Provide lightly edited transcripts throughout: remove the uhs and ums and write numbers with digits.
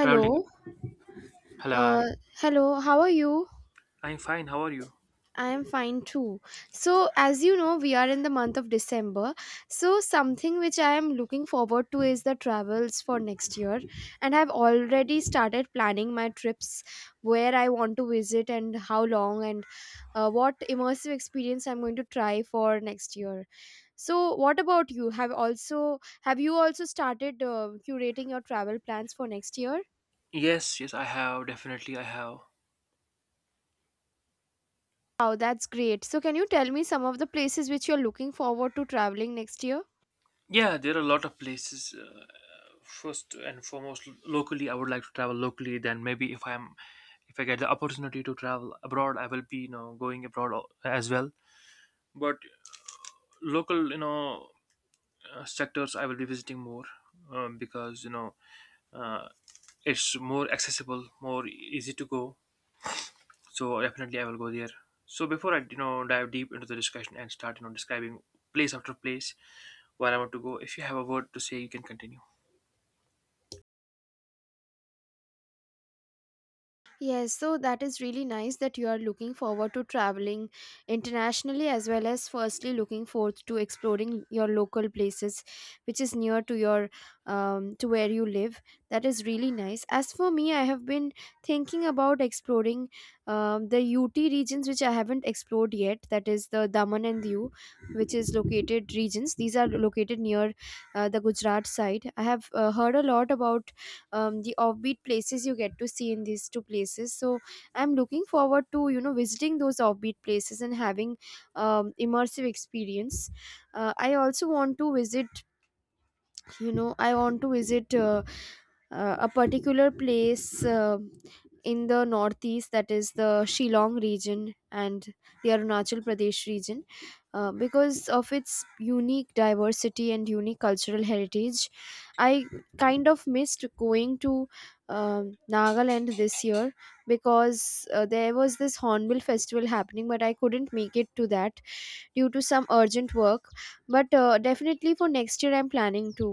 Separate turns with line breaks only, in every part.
Traveling. Hello,
Uh,
I,
hello. How are you?
I'm fine. How are you?
I am fine too. So, as you know, we are in the month of December. So, something which I am looking forward to is the travels for next year. And I've already started planning my trips, where I want to visit and how long and what immersive experience I'm going to try for next year. So, what about you? Have you also started curating your travel plans for next year?
Yes, yes, I have. Definitely, I have.
Wow, that's great. So, can you tell me some of the places which you're looking forward to traveling next year?
Yeah, there are a lot of places. First and foremost, locally, I would like to travel locally. Then maybe if I'm, If I get the opportunity to travel abroad, I will be, you know, going abroad as well. But local, you know, sectors, I will be visiting more because you know uh, it's more accessible, more easy to go. So definitely I will go there. So before I dive deep into the discussion and start describing place after place where I want to go, if you have a word to say, you can continue.
Yes, so that is really nice that you are looking forward to traveling internationally as well as firstly looking forward to exploring your local places which is near to your to where you live. That is really nice. As for me, I have been thinking about exploring the UT regions which I haven't explored yet. That is the Daman and Diu, which is located regions. These are located near the Gujarat side. I have heard a lot about the offbeat places you get to see in these two places. So I'm looking forward to you know visiting those offbeat places and having immersive experience. I also want to visit. You know, I want to visit. A particular place in the northeast, that is the Shillong region and the Arunachal Pradesh region because of its unique diversity and unique cultural heritage. I kind of missed going to Nagaland this year because there was this hornbill festival happening, but I couldn't make it to that due to some urgent work. But definitely for next year, I'm planning to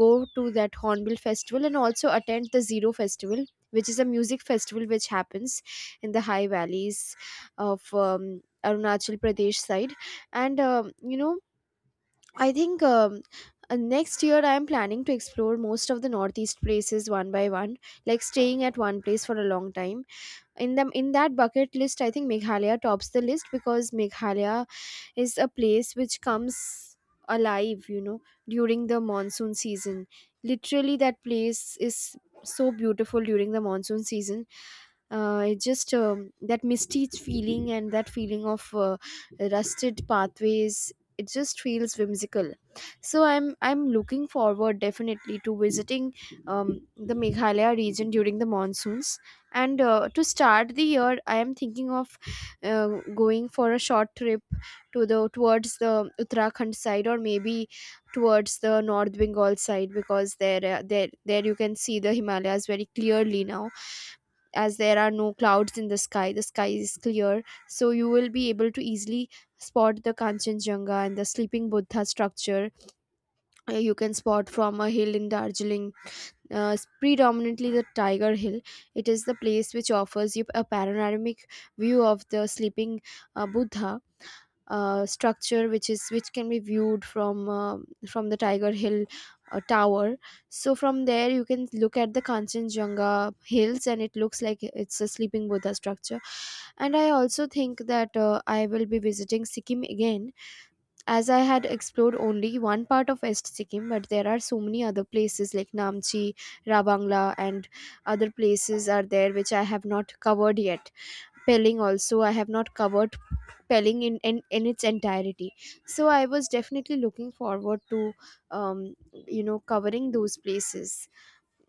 go to that hornbill festival and also attend the zero festival, which is a music festival which happens in the high valleys of Arunachal Pradesh side. And you know, I think next year I am planning to explore most of the northeast places one by one, like staying at one place for a long time. In that bucket list, I think Meghalaya tops the list because Meghalaya is a place which comes alive, you know, during the monsoon season. Literally, that place is so beautiful during the monsoon season. It's just that misty feeling and that feeling of rusted pathways. It just feels whimsical. So I'm looking forward definitely to visiting the Meghalaya region during the monsoons. And to start the year, I am thinking of uh, going for a short trip to the towards the Uttarakhand side, or maybe towards the North Bengal side, because there you can see the Himalayas very clearly now, as there are no clouds in the sky. The sky is clear, so you will be able to easily spot the Kanchenjunga and the Sleeping Buddha structure. You can spot from a hill in Darjeeling. It's predominantly the Tiger Hill. It is the place which offers you a panoramic view of the sleeping Buddha structure, which can be viewed from the Tiger Hill tower. So from there you can look at the Kanchenjunga hills, and it looks like it's a sleeping Buddha structure. And I also think that I will be visiting Sikkim again, as I had explored only one part of West Sikkim, but there are so many other places like Namchi, Rabangla, and other places are there which I have not covered yet. Pelling also. I have not covered Pelling in its entirety. So I was definitely looking forward to, um, you know, covering those places.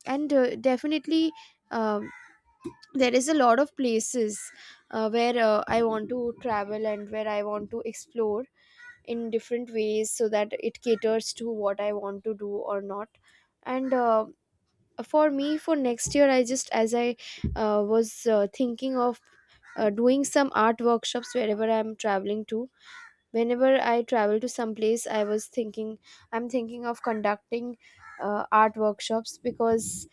And definitely, um, there is a lot of places where I want to travel and where I want to explore in different ways so that it caters to what I want to do or not. And for me for next year, I just as I was thinking of doing some art workshops wherever I'm traveling to. Whenever I travel to some place, I'm thinking of conducting art workshops because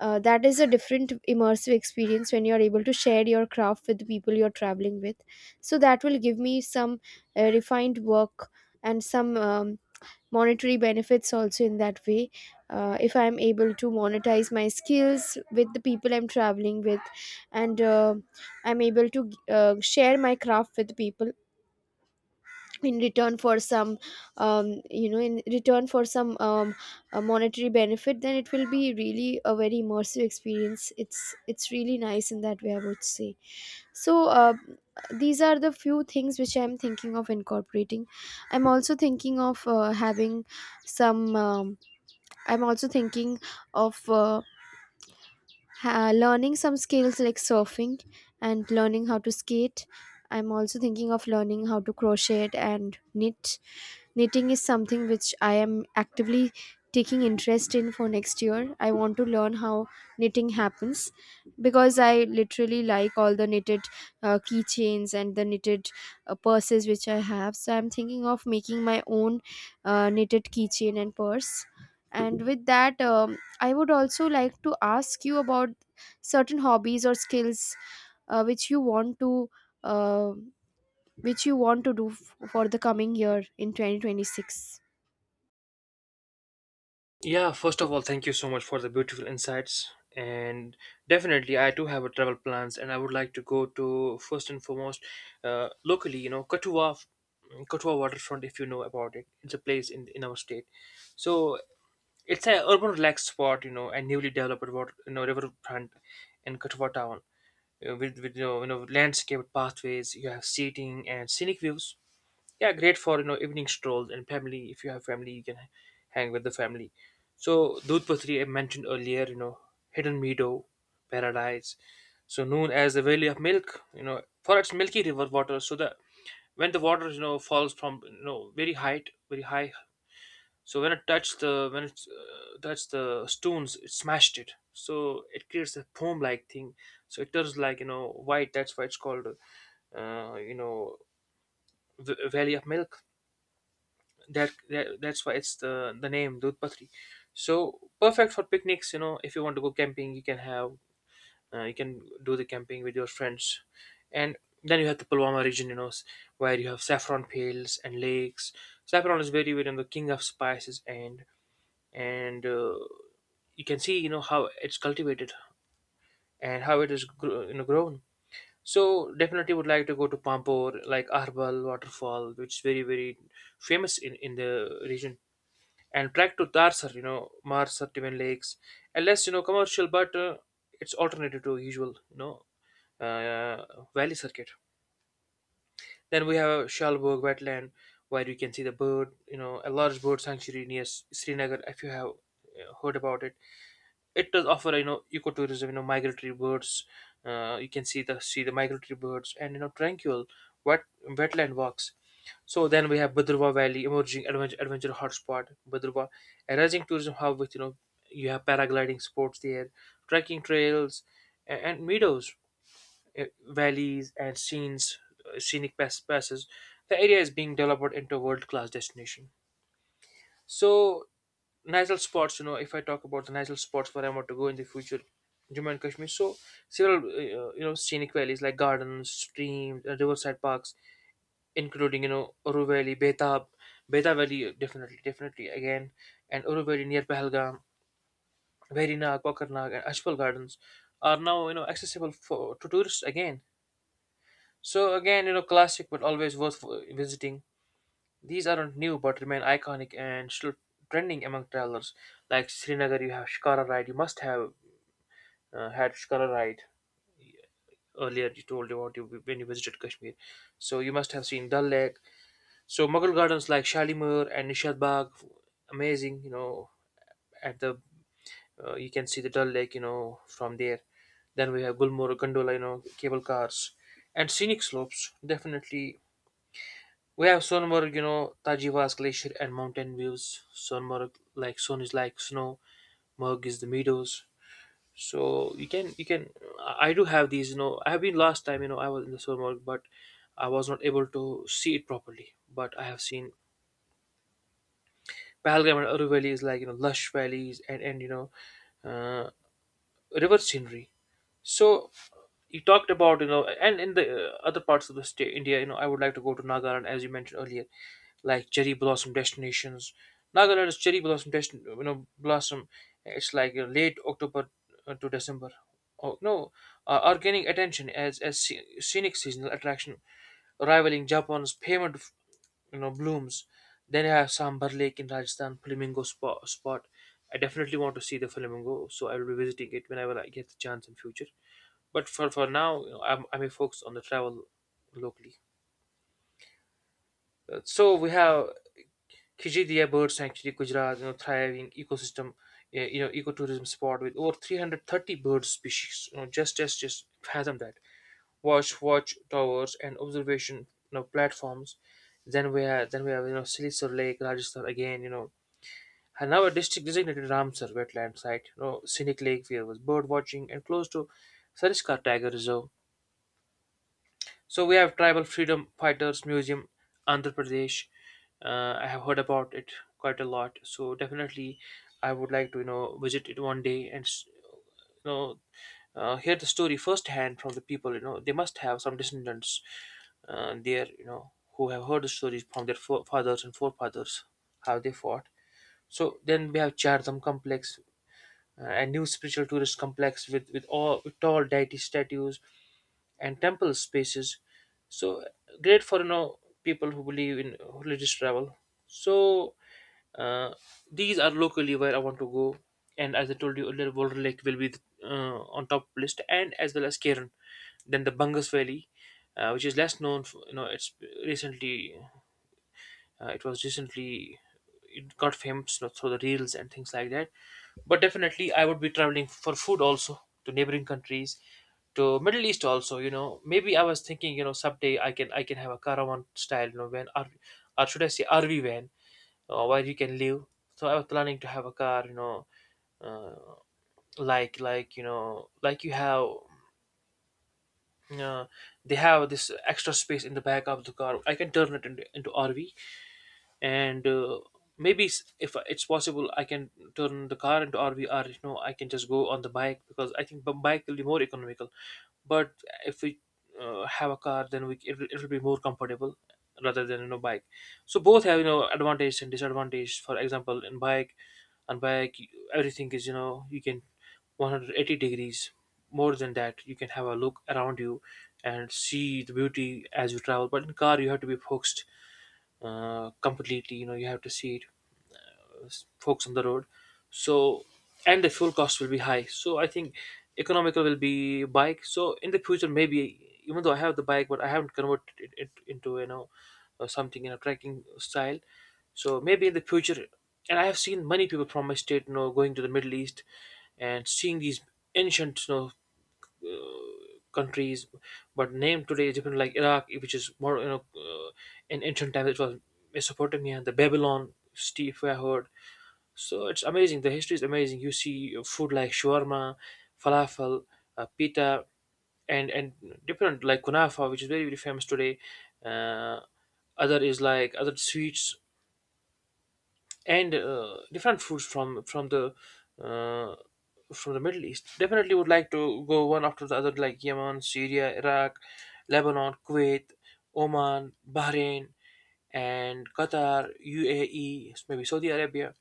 that is a different immersive experience when you're able to share your craft with the people you're traveling with. So that will give me some refined work and some monetary benefits also, in that way, if I'm able to monetize my skills with the people I'm traveling with, and I'm able to share my craft with people in return for some you know in return for some monetary benefit, then it will be really a very immersive experience. It's really nice in that way, I would say. So these are the few things which I'm thinking of incorporating. I'm also thinking of having some I'm also thinking of ha- learning some skills like surfing and learning how to skate. I'm also thinking of learning how to crochet and knit. Knitting is something which I am actively taking interest in for next year. I want to learn how knitting happens, because I literally like all the knitted keychains and the knitted purses which I have. So I'm thinking of making my own knitted keychain and purse. And with that, I would also like to ask you about certain hobbies or skills uh, which you want to uh, which you want to do for the coming year in 2026.
Yeah, first of all, thank you so much for the beautiful insights. And definitely, I too have a travel plans, and I would like to go to first and foremost, locally, you know, Katua waterfront, if you know about it. It's a place in our state, so it's an urban relaxed spot, you know, and newly developed water, you know, riverfront in Katua town. With you know landscaped pathways. You have seating and scenic views. Yeah, great for you know evening strolls and family. If you have family, you can hang with the family. So Dudpatri I mentioned earlier, you know, hidden meadow paradise. So known as the Valley of Milk, you know, for its milky river water. So the when the water you know falls from you know very height, very high so when it touched the when it touched the stones, it smashed it. So it creates a foam-like thing. So it turns like you know white. That's why it's called uh, you know Valley of Milk. That's why it's the name Dudhpatri. So perfect for picnics. You know if you want to go camping, you can have you can do the camping with your friends, and then you have the Pulwama region. Where you have saffron fields and lakes. Saffron is very very you know, the king of spices and you can see you know how it's cultivated and how it is you know grown, so definitely would like to go to Pampore like Arbal waterfall, which is very very famous in the region, and track to Tarsar, you know, Marsar twin lakes, and less you know commercial but it's alternative to usual uh, valley circuit. Then we have Shalburg wetland, where you can see the bird, you know, a large bird sanctuary near Srinagar, if you have heard about it. It does offer you know ecotourism, you know migratory birds. You can see the migratory birds and you know tranquil wet wetland walks. So then we have Badrwa Valley, emerging adventure hotspot. Badrwa, a rising tourism hub with you know you have paragliding sports there, trekking trails, and meadows, valleys, and scenic passes. The area is being developed into a world class destination. So nasal spots, you know, if I talk about the nasal spots where I want to go in the future, Jammu and Kashmir. So, several, you know, scenic valleys like gardens, streams, riverside parks, including, you know, Uru Valley, Beta Valley, definitely again, and Uru Valley near Pahalgam, Verinag, Kokarnag, and Ashwal Gardens are now, you know, accessible for to tourists again. So, again, you know, classic but always worth visiting. These aren't new but remain iconic and still trending among travelers. Like Srinagar, you have Shikara Ride. You must have had Shikara Ride earlier. You told about you when you visited Kashmir, so you must have seen Dal Lake. So Mughal gardens like Shalimar and Nishad Bagh, amazing. You know, at the you can see the Dal Lake. You know from there. Then we have Gulmorg, gondola, you know, cable cars, and scenic slopes. Definitely we have Sonmarg, you know, Tajivas Glacier and mountain views. Sonmarg, like Son is like snow, Murg is the meadows. So you can I do have these, you know. I have been last time, you know, I was in the Sonmarg, but I was not able to see it properly. But I have seen Pahalgam and Aru valleys, like you know, lush valleys and you know, uh, river scenery. So you talked about you know, and in the other parts of the state, India, you know, I would like to go to Nagaland as you mentioned earlier, like cherry blossom destinations. Nagaland is cherry blossom destin, you know, blossom. It's like late October to December. Oh no, are gaining attention as scenic seasonal attraction, rivaling Japan's payment you know blooms. Then you have Sambar Lake in Rajasthan, flamingo spot. I definitely want to see the flamingo, so I will be visiting it whenever I get the chance in future. For now, you know, I may focus on the travel locally. So we have Khijidia Bird Sanctuary, Gujarat, you know, thriving ecosystem, you know, ecotourism spot with over 330 bird species. You know, just fathom that. Watch towers and observation, you know, platforms. Then we have you know Silisar Lake, Rajasthan again. You know, and now a district designated Ramsar wetland site. You know, scenic lake where was bird watching and close to Sariskar Tiger Reserve. So we have Tribal Freedom Fighters Museum, Andhra Pradesh. I have heard about it quite a lot. So definitely, I would like to you know visit it one day and you know hear the story firsthand from the people. You know they must have some descendants there. You know who have heard the stories from their fathers and forefathers how they fought. So then we have Chardham complex, a new spiritual tourist complex with tall deity statues and temple spaces, so great for you know people who believe in religious travel. So uh, these are locally where I want to go, and as I told you earlier Boulder lake will be on top list and as well as Cairn, then the Bungus Valley, which is less known. For, you know, recently it was recently it got famous you know, through the reels and things like that. But definitely, I would be traveling for food also to neighboring countries, to Middle East also. You know, maybe I was thinking, you know, someday I can have a caravan style, you know, van or should I say RV van, where you can live. So I was planning to have a car, you know, uh, you know like you have uh, they have this extra space in the back of the car. I can turn it into RV, and maybe if it's possible I can turn the car into RVR. You know I can just go on the bike because I think the bike will be more economical, but if we have a car then it will be more comfortable rather than you know bike. So both have you know advantage and disadvantage. For example, in bike, on bike you- everything is you know you can 180 degrees. More than that you can have a look around you and see the beauty as you travel, but in car you have to be focused completely. You know you have to see it uh, folks on the road. So and the fuel cost will be high, so I think economical will be bike. So in the future, maybe even though I have the bike but I haven't converted it into you know something in a trekking style, so maybe in the future. And I have seen many people from my state you know going to the Middle East and seeing these ancient countries, but named today is different. Like Iraq, which is more in ancient times it was Mesopotamia, the Babylon. Steve, I heard. So it's amazing. The history is amazing. You see food like shawarma, falafel, pita, and different like kunafa, which is very very famous today. Uh, Other is like other sweets and different foods from the uh, from the Middle East. Definitely would like to go one after the other, like Yemen, Syria, Iraq, Lebanon, Kuwait, Oman, Bahrain, and Qatar, UAE, maybe Saudi Arabia.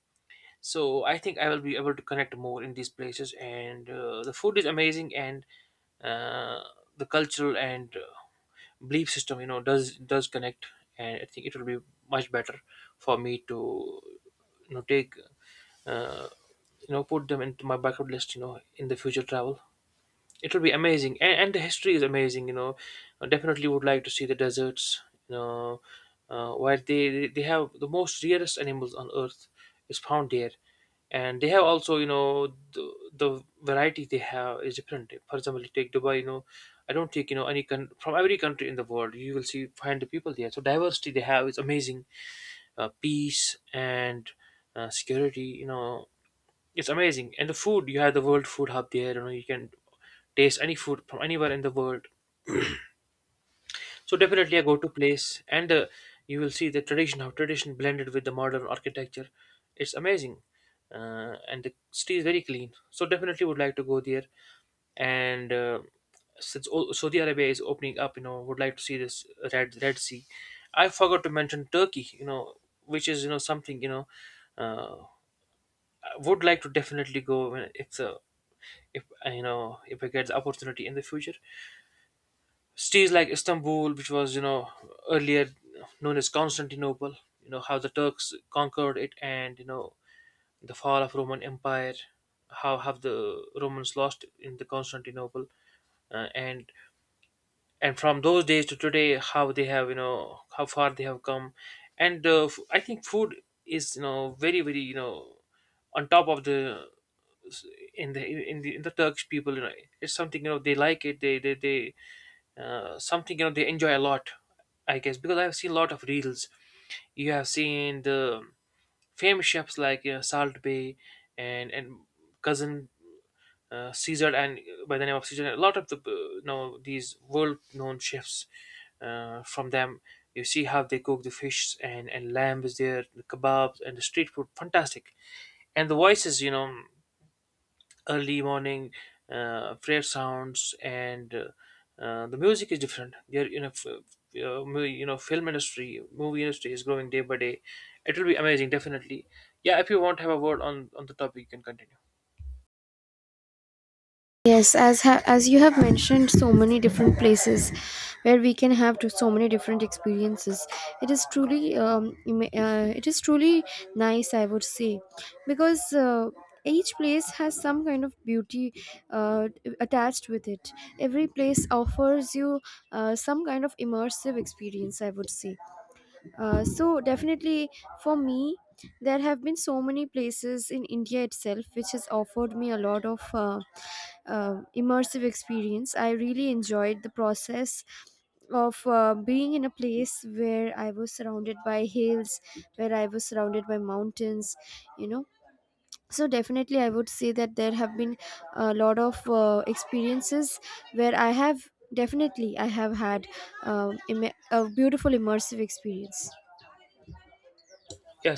So I think I will be able to connect more in these places, and the food is amazing, and uh, the cultural and belief system you know does connect, and I think it will be much better for me to you know take uh, put them into my bucket list you know in the future travel. It would be amazing, and the history is amazing. You know, I definitely would like to see the deserts. You know, where they have the most rarest animals on earth is found there, and they have also you know the variety they have is different. For example, you take Dubai. You know, I don't take you know any from every country in the world, you will see find the people there. So diversity they have is amazing, peace and security. You know, it's amazing, and the food, you have the World Food Hub there. You know you can taste any food from anywhere in the world. So definitely a go-to place, and you will see the tradition, how tradition blended with the modern architecture. It's amazing, and the city is very clean. So definitely would like to go there, and since all, Saudi Arabia is opening up, you know, would like to see this Red Sea. I forgot to mention Turkey, you know, which is you know something you know, uh, I would like to definitely go when it's if you know if I get the opportunity in the future. Cities like Istanbul, which was you know earlier known as Constantinople, you know how the Turks conquered it, and you know the fall of Roman Empire, how have the Romans lost in the Constantinople, uh, and and from those days to today how they have you know how far they have come, and I think food is you know very very you know on top of the in the Turkish people, you know it's something you know they like they something you know they enjoy a lot. I guess because I've seen a lot of reels, you have seen the famous chefs like you know, Salt Bay and cousin Caesar and by the name of Caesar. A lot of the know these world-known chefs from them. You see how they cook the fish and lamb is there, the kebabs and the street food, fantastic. And the voices, you know, early morning prayer sounds and the music is different. They're you know. You know film industry movie industry is growing day by day. It will be amazing definitely. Yeah, if you want to have a word on the topic, you can continue.
Yes, as you have mentioned, so many different places where we can have to so many different experiences. It is truly it is truly nice, I would say, because each place has some kind of beauty uh, attached with it. Every place offers you some kind of immersive experience, I would say. So definitely for me, there have been so many places in India itself which has offered me a lot of immersive experience. I really enjoyed the process of being in a place where I was surrounded by hills, where I was surrounded by mountains, you know. So, definitely, I would say that there have been a lot of experiences where I have had a beautiful immersive experience.
Yeah.